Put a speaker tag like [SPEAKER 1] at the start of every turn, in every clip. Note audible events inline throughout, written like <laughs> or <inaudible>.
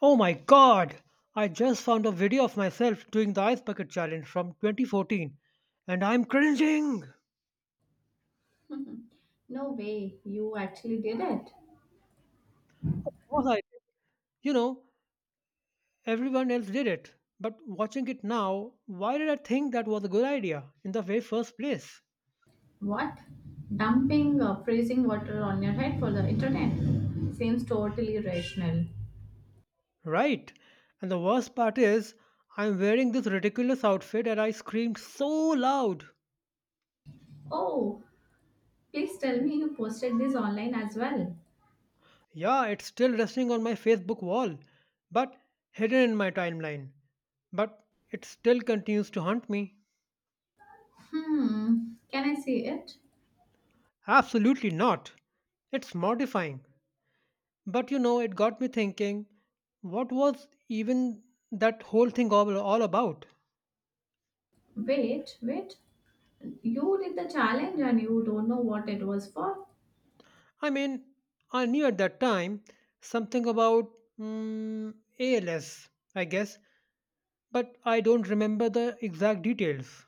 [SPEAKER 1] Oh my god! I just found a video of myself doing the ice bucket challenge from 2014, and I'm cringing!
[SPEAKER 2] No way, you actually did it.
[SPEAKER 1] Was I? You know, everyone else did it. But watching it now, why did I think that was a good idea in the very first place?
[SPEAKER 2] What? Dumping freezing water on your head for the internet? Seems totally irrational.
[SPEAKER 1] Right. And the worst part is, I'm wearing this ridiculous outfit and I screamed so loud.
[SPEAKER 2] Oh, please tell me you posted this online as well.
[SPEAKER 1] Yeah, it's still resting on my Facebook wall, but hidden in my timeline. But it still continues to haunt me.
[SPEAKER 2] Hmm, can I see it?
[SPEAKER 1] Absolutely not. It's mortifying. But it got me thinking, what was even that whole thing all about?
[SPEAKER 2] Wait, wait. You did the challenge and you don't know what it was for?
[SPEAKER 1] I mean, I knew at that time something about ALS, I guess, but I don't remember the exact details.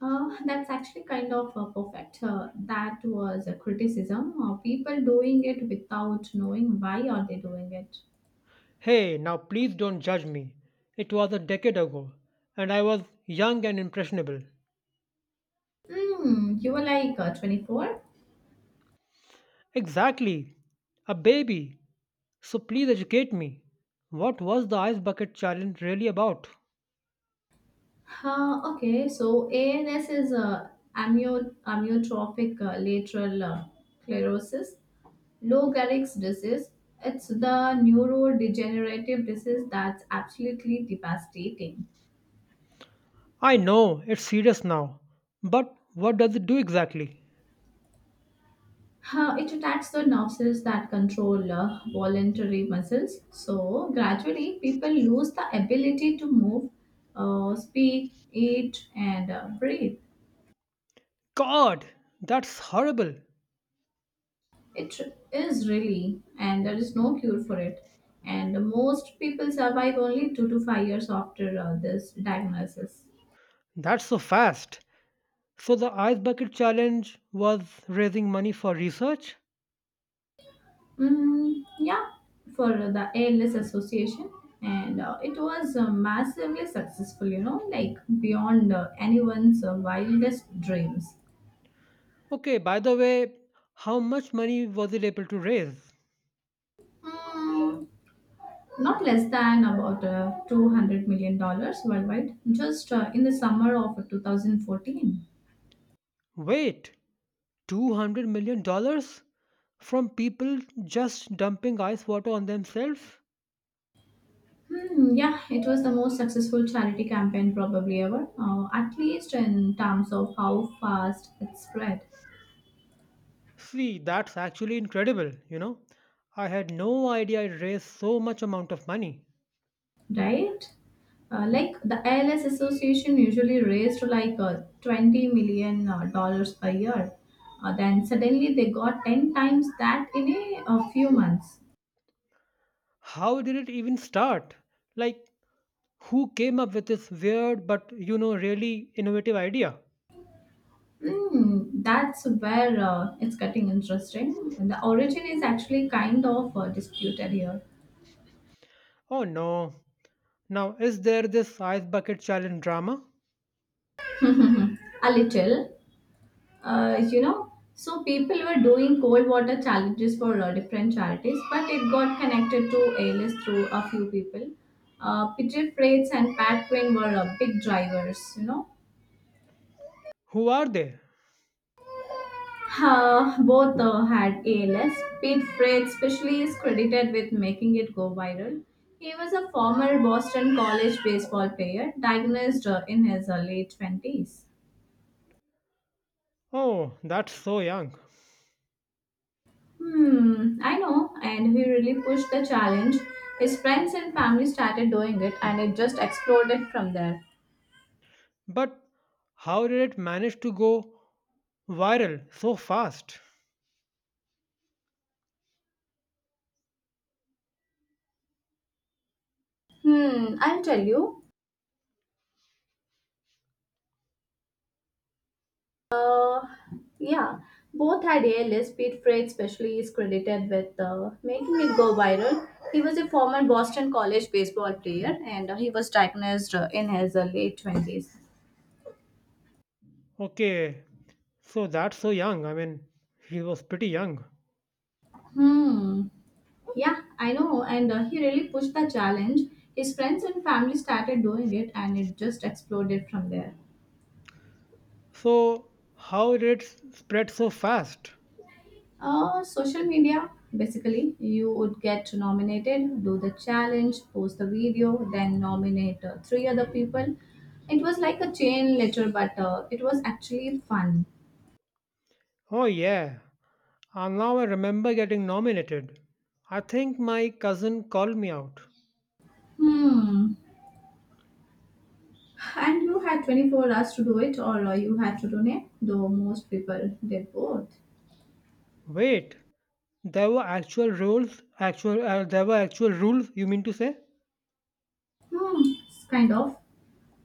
[SPEAKER 2] That's actually kind of perfect. That was a criticism of people doing it without knowing why are they doing it.
[SPEAKER 1] Hey, now please don't judge me. It was a decade ago, and I was young and impressionable.
[SPEAKER 2] You were like 24?
[SPEAKER 1] Exactly, a baby. So please educate me. What was the ice bucket challenge really about?
[SPEAKER 2] Okay, so ANS is amyotrophic lateral sclerosis, Lou Gehrig's disease. It's the neurodegenerative disease that's absolutely devastating.
[SPEAKER 1] I know it's serious now, but what does it do exactly?
[SPEAKER 2] It attacks the nerve cells that control voluntary muscles. So, gradually, people lose the ability to move, speak, eat, and breathe.
[SPEAKER 1] God, that's horrible.
[SPEAKER 2] It is really, and there is no cure for it. And most people survive only 2 to 5 years after this diagnosis.
[SPEAKER 1] That's so fast. So the ice bucket challenge was raising money for research?
[SPEAKER 2] Mm, yeah, for the ALS Association, and it was massively successful. You know, like beyond anyone's wildest dreams.
[SPEAKER 1] Okay, by the way, how much money was it able to raise?
[SPEAKER 2] Mm, not less than about $200 million worldwide just in the summer of 2014.
[SPEAKER 1] Wait, $200 million from people just dumping ice water on themselves?
[SPEAKER 2] Hmm, yeah, it was the most successful charity campaign probably ever, at least in terms of how fast it spread,
[SPEAKER 1] See, that's actually incredible. I had no idea it raised so much amount of money.
[SPEAKER 2] right? Like the ALS Association usually raised like 20 million dollars a year. Then suddenly they got 10 times that in a few months.
[SPEAKER 1] How did it even start? Like, who came up with this weird but, really innovative idea?
[SPEAKER 2] That's where it's getting interesting. The origin is actually kind of disputed here.
[SPEAKER 1] Oh no. Now, is there this ice bucket challenge drama?
[SPEAKER 2] <laughs> A little so people were doing cold water challenges for different charities, but it got connected to als through a few people. Peter Freites and Pat Quinn were big drivers, you know.
[SPEAKER 1] Who are they?
[SPEAKER 2] Both had ALS. Pete Freites especially is credited with making it go viral. He was a former Boston College baseball player diagnosed in his late 20s.
[SPEAKER 1] Oh, that's so young.
[SPEAKER 2] I know, and he really pushed the challenge. His friends and family started doing it, and it just exploded from there.
[SPEAKER 1] But how did it manage to go viral so fast?
[SPEAKER 2] I'll tell you. Uh, yeah, both had ALS. Pete Freight, especially, is credited with making it go viral. He was a former Boston College baseball player, and he was diagnosed in his late 20s.
[SPEAKER 1] Okay, so that's so young. I mean, he was pretty young.
[SPEAKER 2] Hmm. Yeah, I know. And he really pushed the challenge. His friends and family started doing it, and it just exploded from there.
[SPEAKER 1] So, how did it spread so fast?
[SPEAKER 2] Social media, basically, you would get nominated, do the challenge, post the video, then nominate three other people. It was like a chain letter, but it was actually fun.
[SPEAKER 1] Oh, yeah. And now I remember getting nominated. I think my cousin called me out.
[SPEAKER 2] Hmm. And you had 24 hours to do it, or you had to donate, though most people did both.
[SPEAKER 1] Wait, there were actual rules? There were actual rules, you mean to say?
[SPEAKER 2] Hmm. It's kind of.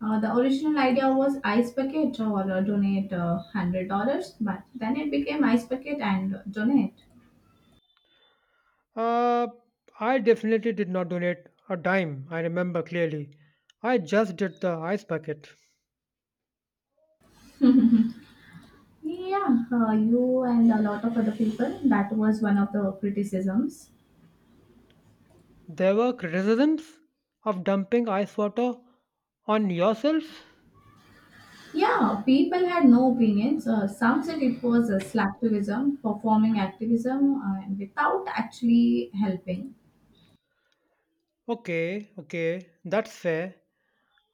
[SPEAKER 2] The original idea was ice bucket or donate $100, but then it became ice bucket and donate.
[SPEAKER 1] Uh, I definitely did not donate a dime, I remember clearly. I just did the ice bucket.
[SPEAKER 2] Yeah, you and a lot of other people. That was one of the criticisms.
[SPEAKER 1] There were criticisms of dumping ice water on yourself?
[SPEAKER 2] Yeah, people had no opinions. Some said it was a slacktivism, performing activism, without actually helping.
[SPEAKER 1] Okay, okay, that's fair.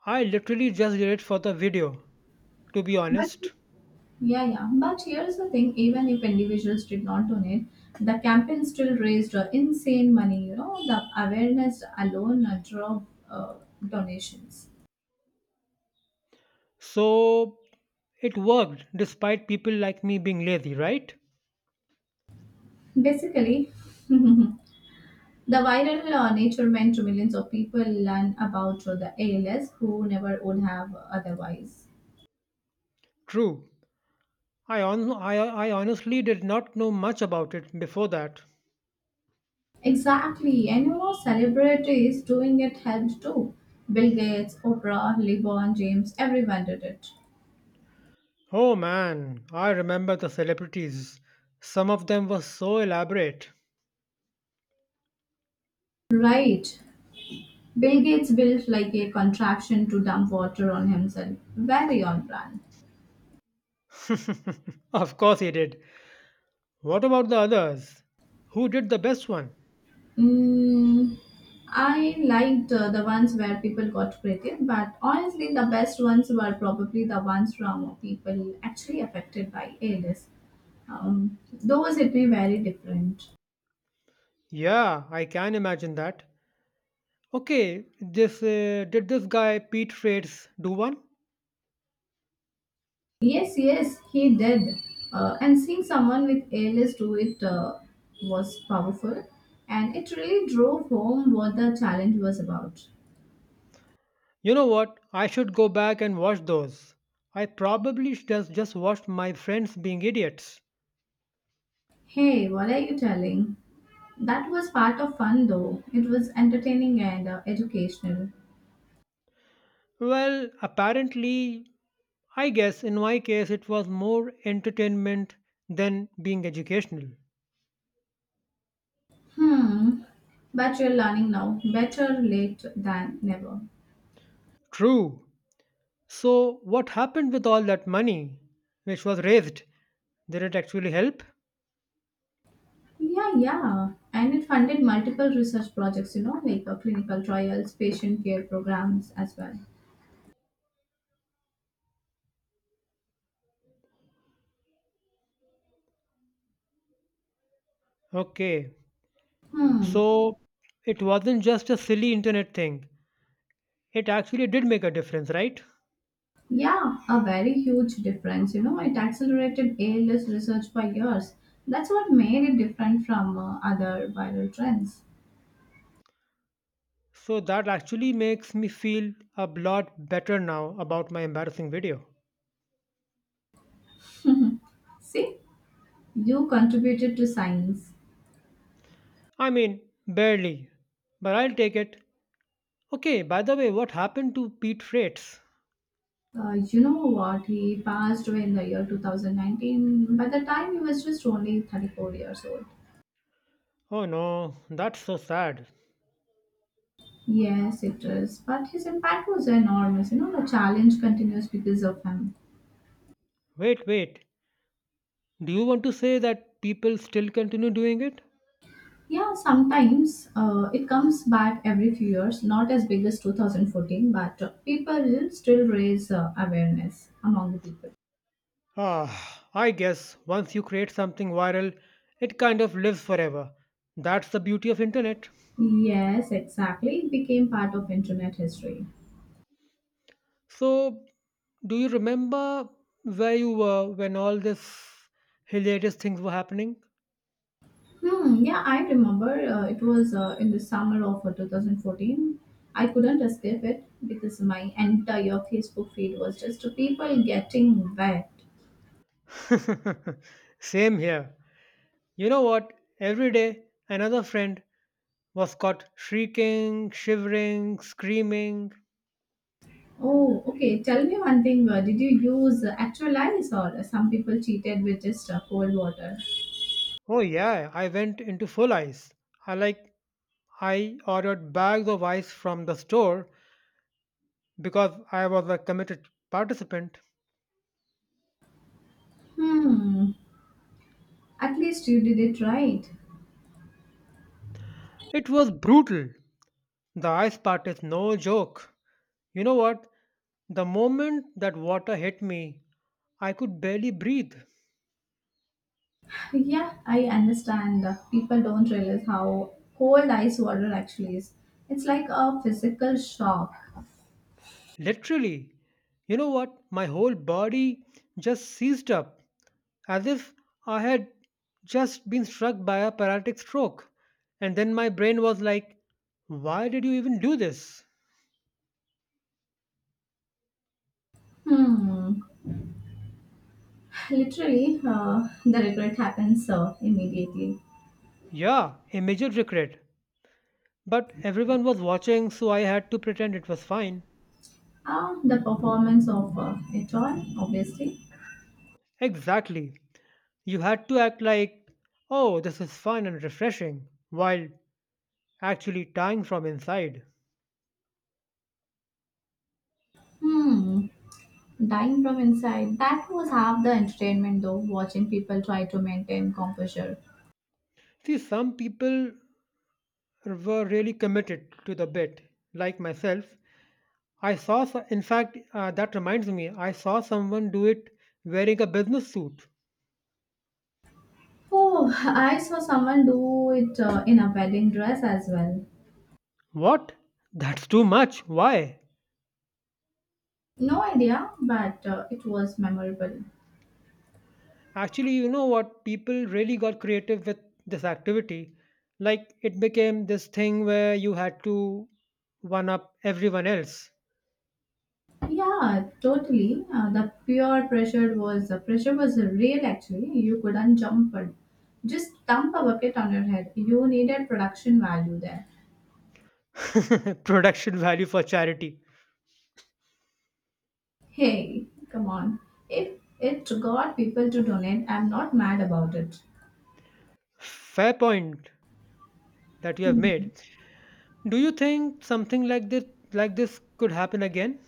[SPEAKER 1] I literally just did it for the video, to be
[SPEAKER 2] But
[SPEAKER 1] honest.
[SPEAKER 2] yeah, yeah. But here's the thing: even if individuals did not donate, the campaign still raised insane money. You know, the awareness alone drove donations.
[SPEAKER 1] So it worked despite people like me being lazy, right?
[SPEAKER 2] Basically. <laughs> The viral nature meant millions of people learn about the ALS who never would have otherwise.
[SPEAKER 1] True. I honestly did not know much about it before that.
[SPEAKER 2] Exactly, and you know, celebrities doing it helped too. Bill Gates, Oprah, LeBron James, everyone did it.
[SPEAKER 1] Oh man, I remember the celebrities. Some of them were so elaborate.
[SPEAKER 2] Right. Bill Gates built like a contraption to dump water on himself. Very on brand.
[SPEAKER 1] <laughs> Of course he did. What about the others? Who did the best one?
[SPEAKER 2] Mm, I liked the ones where people got creative, but honestly, the best ones were probably the ones from people actually affected by illness. Those hit me very different.
[SPEAKER 1] Yeah, I can imagine that. Okay, this did this guy Pete Frates do one?
[SPEAKER 2] Yes, yes, he did. And seeing someone with ALS do it was powerful, and it really drove home what the challenge was about.
[SPEAKER 1] You know what? I should go back and watch those. I probably just watched my friends being idiots.
[SPEAKER 2] Hey, what are you telling? That was part of fun, though. It was entertaining and educational.
[SPEAKER 1] Well, apparently, I guess in my case it was more entertainment than being educational.
[SPEAKER 2] Hmm, but you're learning now. Better late than never.
[SPEAKER 1] True. So, what happened with all that money which was raised? Did it actually help?
[SPEAKER 2] Yeah, yeah. And it funded multiple research projects, you know, like clinical trials, patient care programs as well.
[SPEAKER 1] Okay.
[SPEAKER 2] Hmm.
[SPEAKER 1] So, it wasn't just a silly internet thing. It actually did make a difference, right?
[SPEAKER 2] Yeah, a very huge difference. You know, it accelerated ALS research by years. That's what made it different from other viral trends.
[SPEAKER 1] So that actually makes me feel a lot better now about my embarrassing video.
[SPEAKER 2] See, you contributed to science.
[SPEAKER 1] I mean, barely, but I'll take it. Okay, by the way, what happened to Pete Freights?
[SPEAKER 2] You know what? He passed away in the year 2019. By the time, he was just only 34 years old.
[SPEAKER 1] Oh no, that's so sad.
[SPEAKER 2] Yes, it is. But his impact was enormous. You know, the challenge continues because of him.
[SPEAKER 1] Wait, wait. Do you want to say that people still continue doing it?
[SPEAKER 2] Yeah, sometimes it comes back every few years, not as big as 2014, but people still raise awareness among the people.
[SPEAKER 1] Ah, I guess once you create something viral, it kind of lives forever. That's the beauty of internet.
[SPEAKER 2] Yes, exactly. It became part of internet history.
[SPEAKER 1] So, do you remember where you were when all this hilarious things were happening?
[SPEAKER 2] Hmm, yeah, I remember it was in the summer of 2014. I couldn't escape it because my entire Facebook feed was just people getting wet.
[SPEAKER 1] <laughs> Same here. You know what? Every day, another friend was caught shrieking, shivering, screaming.
[SPEAKER 2] Oh, okay. Tell me one thing. Did you use actual ice, or some people cheated with just cold water?
[SPEAKER 1] Oh, yeah, I went into full ice. I like, I ordered bags of ice from the store because I was a committed participant.
[SPEAKER 2] Hmm. At least you did it right.
[SPEAKER 1] It was brutal. The ice part is no joke. You know what? The moment that water hit me, I could barely breathe.
[SPEAKER 2] Yeah, I understand. People don't realize how cold ice water actually is. It's like a physical shock.
[SPEAKER 1] Literally. You know what? My whole body just seized up, as if I had just been struck by a paralytic stroke. And then my brain was like, why did you even do this?
[SPEAKER 2] Hmm. Literally, the regret happens immediately.
[SPEAKER 1] Yeah, a major regret. But everyone was watching, so I had to pretend it was fine.
[SPEAKER 2] The performance of it all, obviously.
[SPEAKER 1] Exactly. You had to act like, oh, this is fun and refreshing, while actually tying from inside.
[SPEAKER 2] Hmm, dying from inside. That was half the entertainment, though, watching people try to maintain composure.
[SPEAKER 1] See, some people were really committed to the bit, like myself. In fact, that reminds me, I saw someone do it wearing a business suit.
[SPEAKER 2] Oh, I saw someone do it in a wedding dress as well.
[SPEAKER 1] What? That's too much. Why?
[SPEAKER 2] No idea, but it was memorable.
[SPEAKER 1] Actually, you know what? People really got creative with this activity. Like, it became this thing where you had to one up everyone else.
[SPEAKER 2] Yeah, totally. The pure pressure was real. Actually, you couldn't jump it. Just dump a bucket on your head. You needed production value there.
[SPEAKER 1] <laughs> Production value for charity.
[SPEAKER 2] Hey, come on. If it got people to donate, I'm not mad about it.
[SPEAKER 1] Fair point that you have
[SPEAKER 2] Hmm.
[SPEAKER 1] made. Do you think something like this could happen again?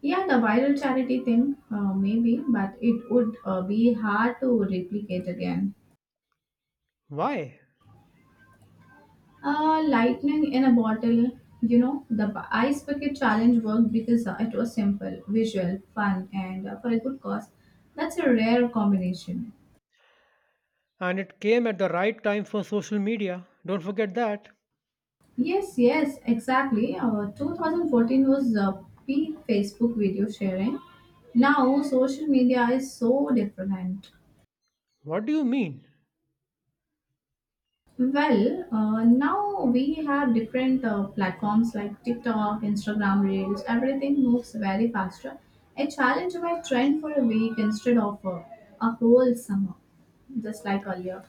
[SPEAKER 2] Yeah, the viral charity thing, maybe, but it would be hard to replicate again.
[SPEAKER 1] Why?
[SPEAKER 2] Lightning in a bottle, you know, the ice bucket challenge worked because it was simple, visual, fun, and for a good cause. That's a rare combination.
[SPEAKER 1] And it came at the right time for social media. Don't forget that.
[SPEAKER 2] Yes, yes, exactly. 2014 was peak Facebook video sharing. Now, social media is so different.
[SPEAKER 1] What do you mean?
[SPEAKER 2] Well, now we have different platforms like TikTok, Instagram Reels, everything moves very faster. I challenge my trend for a week instead of a whole summer, just like earlier.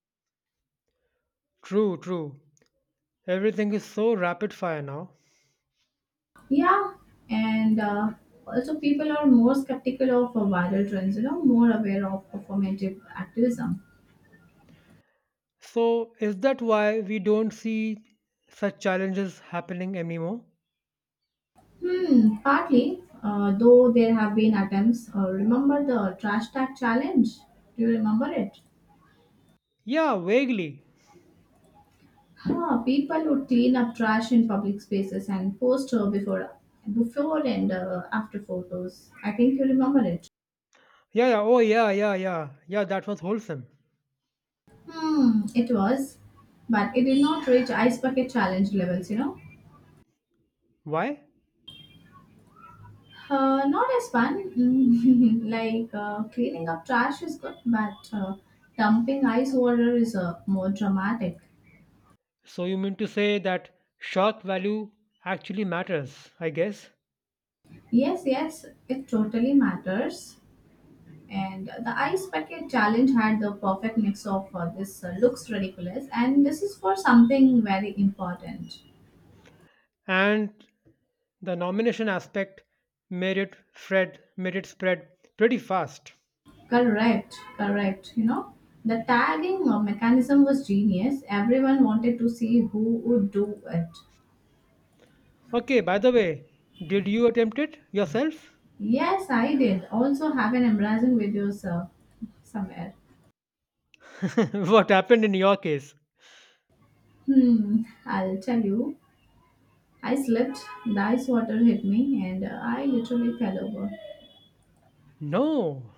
[SPEAKER 1] True, true. Everything is so rapid fire now.
[SPEAKER 2] Yeah, and also people are more skeptical of viral trends, you know, more aware of performative activism.
[SPEAKER 1] So is that why we don't see such challenges happening anymore?
[SPEAKER 2] Partly, though there have been attempts. Remember the trash tag challenge? Do you remember it?
[SPEAKER 1] Yeah, vaguely.
[SPEAKER 2] People would clean up trash in public spaces and post her before and after photos. I think you remember it.
[SPEAKER 1] Yeah, yeah, oh yeah, yeah, yeah. Yeah, that was wholesome.
[SPEAKER 2] It was, but it did not reach ice bucket challenge levels. You know,
[SPEAKER 1] Why?
[SPEAKER 2] not as fun. <laughs> Like cleaning up trash is good, but dumping ice water is more dramatic.
[SPEAKER 1] So you mean to say that shock value actually matters, I guess.
[SPEAKER 2] Yes, yes, it totally matters. And the ice bucket challenge had the perfect mix of this looks ridiculous and this is for something very important.
[SPEAKER 1] And the nomination aspect made it spread pretty fast.
[SPEAKER 2] Correct, correct. You know, the tagging mechanism was genius. Everyone wanted to see who would do it.
[SPEAKER 1] Okay, by the way, did you attempt it yourself?
[SPEAKER 2] Yes, I did. Also have an embarrassing video, sir, somewhere.
[SPEAKER 1] <laughs> What happened in your case?
[SPEAKER 2] I'll tell you. I slipped, the ice water hit me, and I literally fell over.
[SPEAKER 1] No.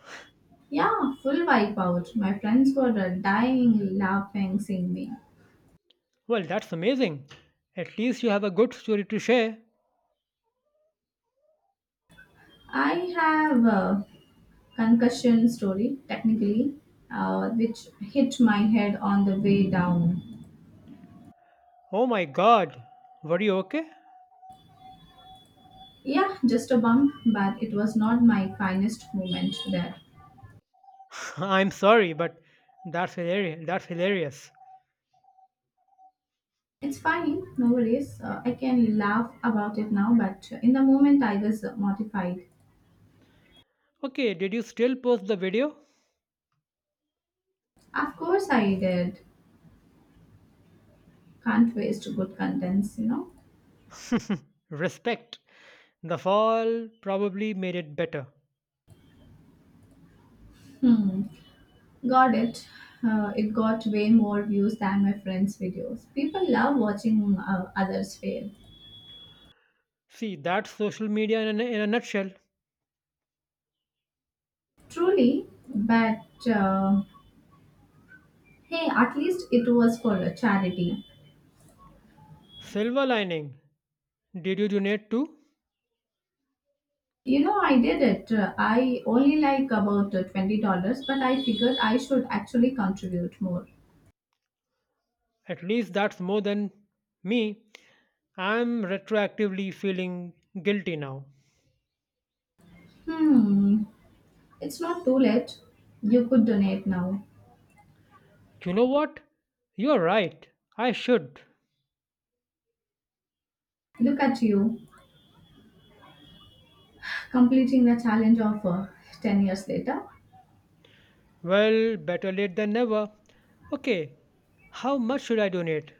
[SPEAKER 2] Yeah, full wipeout. My friends were dying laughing, seeing me.
[SPEAKER 1] Well, that's amazing. At least you have a good story to share.
[SPEAKER 2] I have a concussion story, technically, which hit my head on the way down.
[SPEAKER 1] Oh my god. Were you okay?
[SPEAKER 2] Yeah, just a bump, but it was not my finest moment there.
[SPEAKER 1] <laughs> I'm sorry, but that's hilarious. That's hilarious.
[SPEAKER 2] It's fine. No worries. I can laugh about it now, but in the moment I was mortified.
[SPEAKER 1] Okay, did you still post the video?
[SPEAKER 2] Of course I did. Can't waste good contents, you know.
[SPEAKER 1] Respect. The fall probably made it better.
[SPEAKER 2] Got it. It got way more views than my friends' videos. People love watching others fail.
[SPEAKER 1] See, that's social media in a nutshell.
[SPEAKER 2] Truly, but uh, hey, at least it was for a charity.
[SPEAKER 1] Silver lining. Did you donate too?
[SPEAKER 2] You know, I did it. I only like about $20, but I figured I should actually contribute more.
[SPEAKER 1] At least that's more than me. I'm retroactively feeling guilty now.
[SPEAKER 2] Hmm, it's not too late. You could donate now.
[SPEAKER 1] You know what? You're right. I should.
[SPEAKER 2] Look at you, completing the challenge of 10 years later.
[SPEAKER 1] Well, better late than never. Okay, how much should I donate?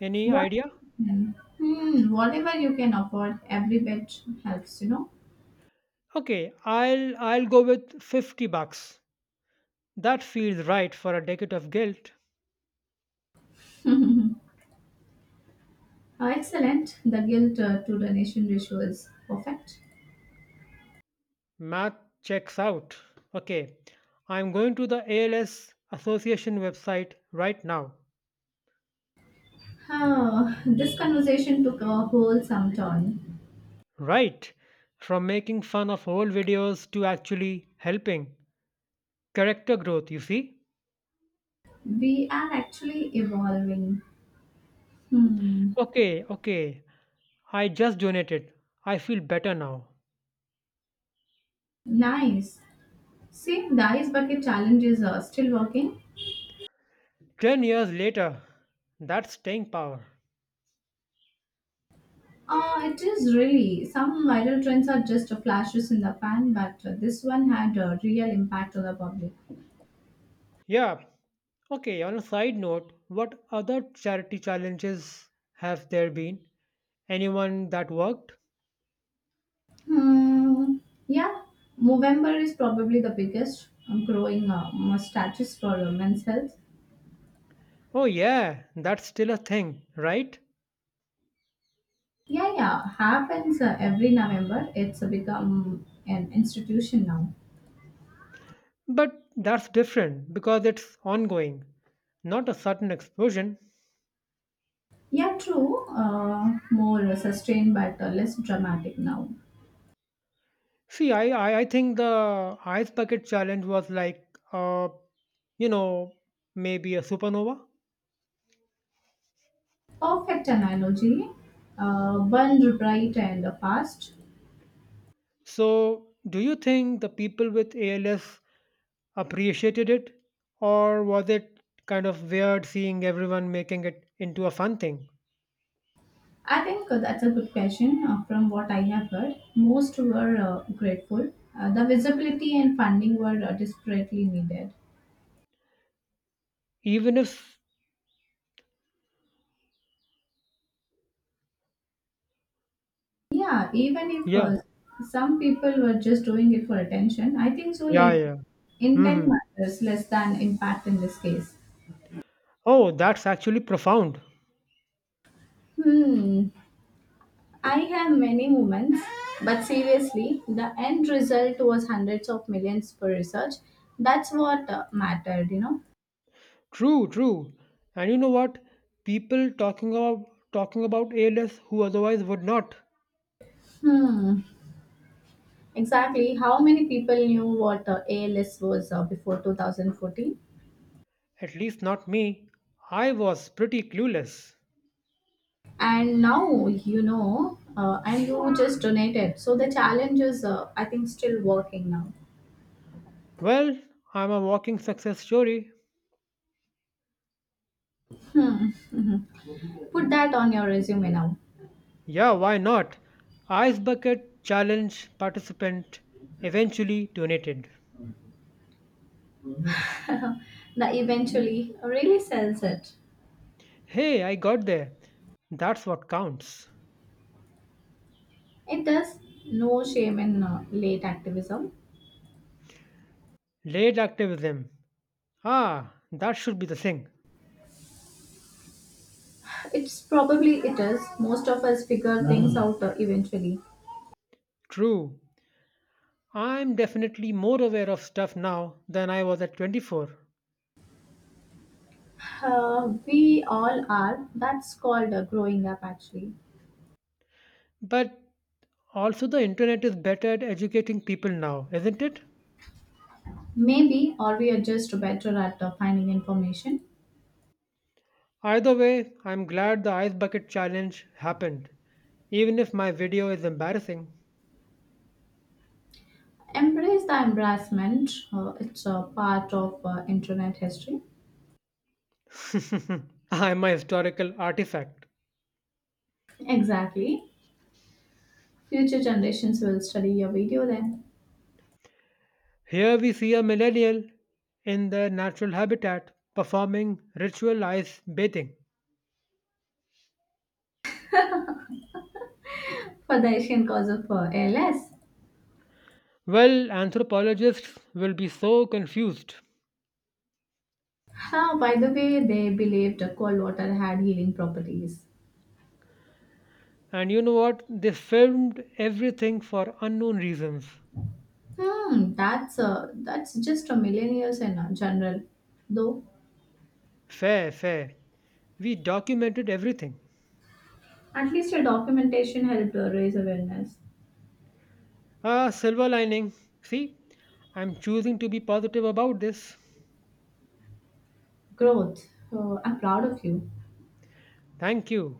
[SPEAKER 1] Any
[SPEAKER 2] What,
[SPEAKER 1] idea?
[SPEAKER 2] whatever you can afford, every bit helps, you know.
[SPEAKER 1] Okay, I'll go with $50. That feels right for a decade of guilt.
[SPEAKER 2] Excellent. The guilt to donation ratio is perfect.
[SPEAKER 1] Math checks out. Okay, I'm going to the ALS Association website right now.
[SPEAKER 2] Oh, this conversation took a whole some turn.
[SPEAKER 1] Right, from making fun of old videos to actually helping. Character growth, you see?
[SPEAKER 2] We are actually evolving. Hmm,
[SPEAKER 1] Okay, okay, I just donated. I feel better now.
[SPEAKER 2] nice. See, dice bucket challenges are still working.
[SPEAKER 1] 10 years later, that's staying power.
[SPEAKER 2] It is really. Some viral trends are just flashes in the pan, but this one had a real impact on the public.
[SPEAKER 1] Yeah, okay, on a side note, what other charity challenges have there been? Anyone that worked?
[SPEAKER 2] Hmm. Yeah, Movember is probably the biggest growing status for women's health.
[SPEAKER 1] Oh, yeah, that's still a thing, right?
[SPEAKER 2] Yeah, yeah, happens every November. It's become an institution now.
[SPEAKER 1] But that's different because it's ongoing, not a sudden explosion.
[SPEAKER 2] Yeah, true. More sustained but less dramatic now.
[SPEAKER 1] See, I think the ice bucket challenge was like, uh, you know, maybe a supernova.
[SPEAKER 2] Perfect analogy. Burned bright and fast.
[SPEAKER 1] So, do you think the people with ALS appreciated it, or was it kind of weird seeing everyone making it into a fun thing?
[SPEAKER 2] I think that's a good question. From what I have heard, most were grateful. The visibility and funding were desperately needed.
[SPEAKER 1] Even if,
[SPEAKER 2] Yeah, even if
[SPEAKER 1] yeah,
[SPEAKER 2] some people were just doing it for attention, I think so.
[SPEAKER 1] yeah,
[SPEAKER 2] Like
[SPEAKER 1] yeah.
[SPEAKER 2] intent
[SPEAKER 1] Hmm.
[SPEAKER 2] matters less than impact in this case.
[SPEAKER 1] Oh, that's actually profound.
[SPEAKER 2] Hmm, I have many moments, but seriously, the end result was hundreds of millions for research. That's what mattered, you know.
[SPEAKER 1] True, true. And you know what? People talking about ALS who otherwise would not.
[SPEAKER 2] Hmm, exactly. How many people knew what ALS was before 2014?
[SPEAKER 1] At least not me. I was pretty clueless.
[SPEAKER 2] And now you know and you just donated, so the challenge is I think still working now.
[SPEAKER 1] Well, I'm a walking success story.
[SPEAKER 2] Hmm. <laughs> Mhm. Put that on your resume now.
[SPEAKER 1] Yeah, why not? Ice bucket challenge participant eventually donated.
[SPEAKER 2] <laughs> The eventually really sells it.
[SPEAKER 1] Hey, I got there. That's what counts.
[SPEAKER 2] It does. No shame in late activism.
[SPEAKER 1] Late activism. Ah, that should be the thing.
[SPEAKER 2] It's probably, it is, most of us figure things out eventually.
[SPEAKER 1] True. I'm definitely more aware of stuff now than I was at 24.
[SPEAKER 2] We all are. That's called growing up, actually.
[SPEAKER 1] But also, the internet is better at educating people now, isn't it?
[SPEAKER 2] Maybe or we are just better at finding information.
[SPEAKER 1] Either way, I'm glad the ice bucket challenge happened, even if my video is embarrassing.
[SPEAKER 2] Embrace the embarrassment. It's a part of internet history.
[SPEAKER 1] <laughs> I'm a historical artifact.
[SPEAKER 2] Exactly. Future generations will study your video then.
[SPEAKER 1] Here we see a millennial in their natural habitat performing ritual ice bathing.
[SPEAKER 2] For the Asian cause of ALS.
[SPEAKER 1] Well, anthropologists will be so confused.
[SPEAKER 2] Ah, by the way, they believed cold water had healing properties.
[SPEAKER 1] And you know what? They filmed everything for unknown reasons.
[SPEAKER 2] That's just a millennials in general. Though,
[SPEAKER 1] Fair, fair. We documented everything.
[SPEAKER 2] at least your documentation helped raise awareness.
[SPEAKER 1] Ah, silver lining. See, I'm choosing to be positive about this.
[SPEAKER 2] Growth. I'm proud of you.
[SPEAKER 1] Thank you.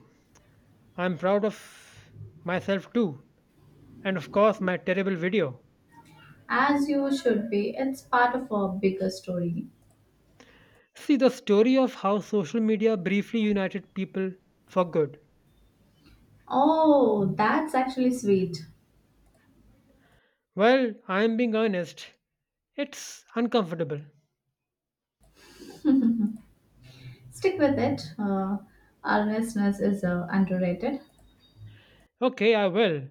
[SPEAKER 1] I'm proud of myself too. And of course, my terrible video.
[SPEAKER 2] As you should be. It's part of a bigger story.
[SPEAKER 1] See, the story of how social media briefly united people for good.
[SPEAKER 2] Oh, that's actually sweet.
[SPEAKER 1] Well, I'm being honest. It's uncomfortable.
[SPEAKER 2] Stick with it. Earnestness is underrated.
[SPEAKER 1] Okay, I will.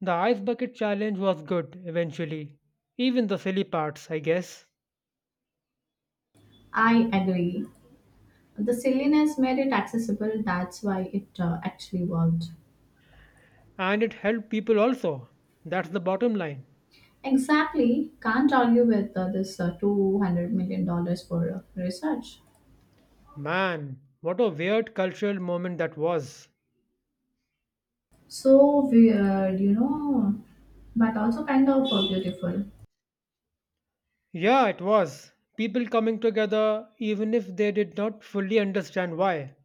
[SPEAKER 1] The ice bucket challenge was good eventually. Even the silly parts, I guess.
[SPEAKER 2] I agree. The silliness made it accessible. That's why it actually worked.
[SPEAKER 1] And it helped people also. That's the bottom line.
[SPEAKER 2] Exactly. Can't argue with this $200 million for research.
[SPEAKER 1] Man, what a weird cultural moment that was.
[SPEAKER 2] So weird, you know, but also kind of beautiful.
[SPEAKER 1] Yeah, it was. People coming together even if they did not fully understand why.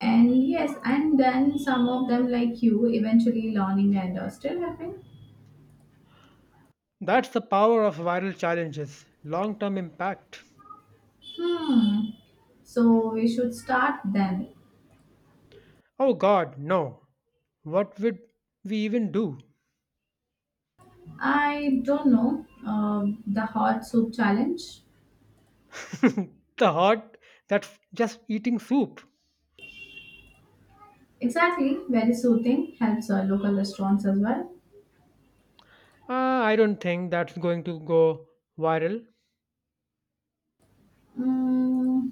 [SPEAKER 2] And yes, and then some of them, like you, eventually learning and still helping.
[SPEAKER 1] That's the power of viral challenges long term impact.
[SPEAKER 2] Hmm. So we should start then.
[SPEAKER 1] Oh god, no. What would we even do?
[SPEAKER 2] I don't know. The hot soup challenge.
[SPEAKER 1] The heart that's just eating soup.
[SPEAKER 2] Exactly. Very soothing. Helps local restaurants as well.
[SPEAKER 1] I don't think that's going to go viral.
[SPEAKER 2] Mm,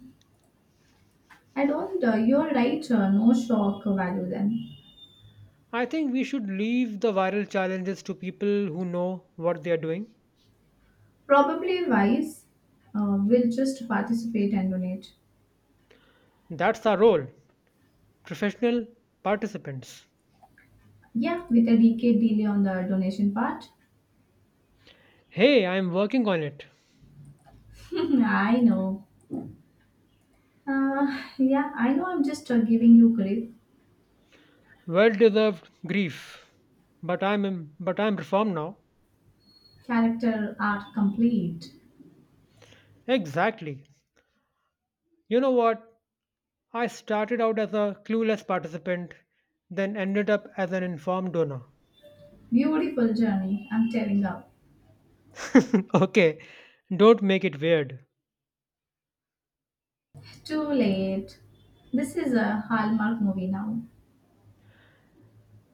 [SPEAKER 2] I don't. You're right. No shock value then.
[SPEAKER 1] I think we should leave the viral challenges to people who know what they are doing.
[SPEAKER 2] Probably wise. We'll just participate and donate.
[SPEAKER 1] That's our role, professional participants.
[SPEAKER 2] Yeah, with a decade delay on the donation part.
[SPEAKER 1] Hey, I'm working on it.
[SPEAKER 2] <laughs> I know. Yeah, I know. I'm just giving you grief.
[SPEAKER 1] Well deserved grief. But I'm reformed now.
[SPEAKER 2] Character art complete.
[SPEAKER 1] Exactly. You know what? I started out as a clueless participant, then ended up as an informed donor.
[SPEAKER 2] Beautiful journey, I'm tearing up.
[SPEAKER 1] <laughs> Okay, don't make it weird.
[SPEAKER 2] Too late. This is a Hallmark movie now.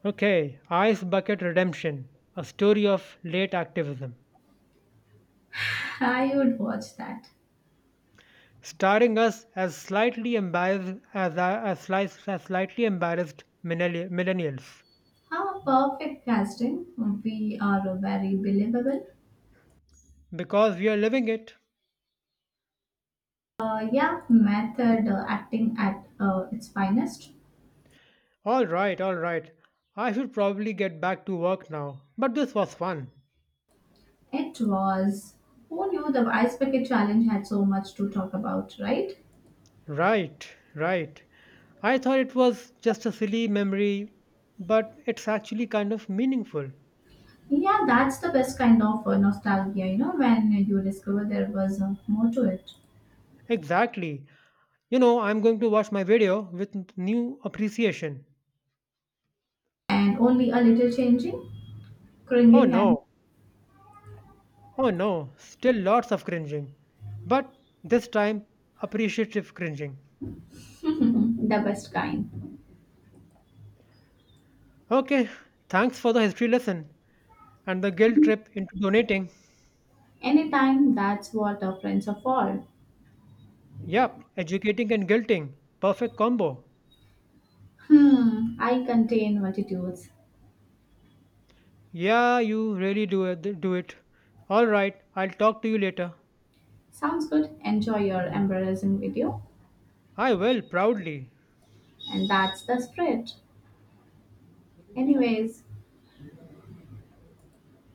[SPEAKER 1] Okay, Ice Bucket Redemption, a story of late activism.
[SPEAKER 2] I would watch that.
[SPEAKER 1] Starring us as slightly embarrassed as, slice- as slightly embarrassed millennials
[SPEAKER 2] How perfect casting. We are very believable.
[SPEAKER 1] because we are living it.
[SPEAKER 2] Yeah, method acting at its finest.
[SPEAKER 1] All right, all right. I should probably get back to work now, but this was fun.
[SPEAKER 2] It was. Who knew the Ice Bucket Challenge had so much to talk about, right?
[SPEAKER 1] Right, right. I thought it was just a silly memory, but it's actually kind of meaningful.
[SPEAKER 2] Yeah, that's the best kind of nostalgia, you know, when you discover there was more to it.
[SPEAKER 1] Exactly. You know, I'm going to watch my video with new appreciation.
[SPEAKER 2] And only a little changing,
[SPEAKER 1] Oh
[SPEAKER 2] cringing, and
[SPEAKER 1] no, oh no, still lots of cringing. But this time, appreciative cringing.
[SPEAKER 2] <laughs> Mhm, the best kind.
[SPEAKER 1] Okay, thanks for the history lesson and the guilt trip into donating.
[SPEAKER 2] Anytime, that's what the friends are for.
[SPEAKER 1] Yep, educating and guilting. Perfect combo.
[SPEAKER 2] I contain multitudes.
[SPEAKER 1] Yeah, you really do it. Do it. All right, I'll talk to you later.
[SPEAKER 2] Sounds good. Enjoy your embarrassing video.
[SPEAKER 1] I will, proudly.
[SPEAKER 2] And that's the spread. Anyways,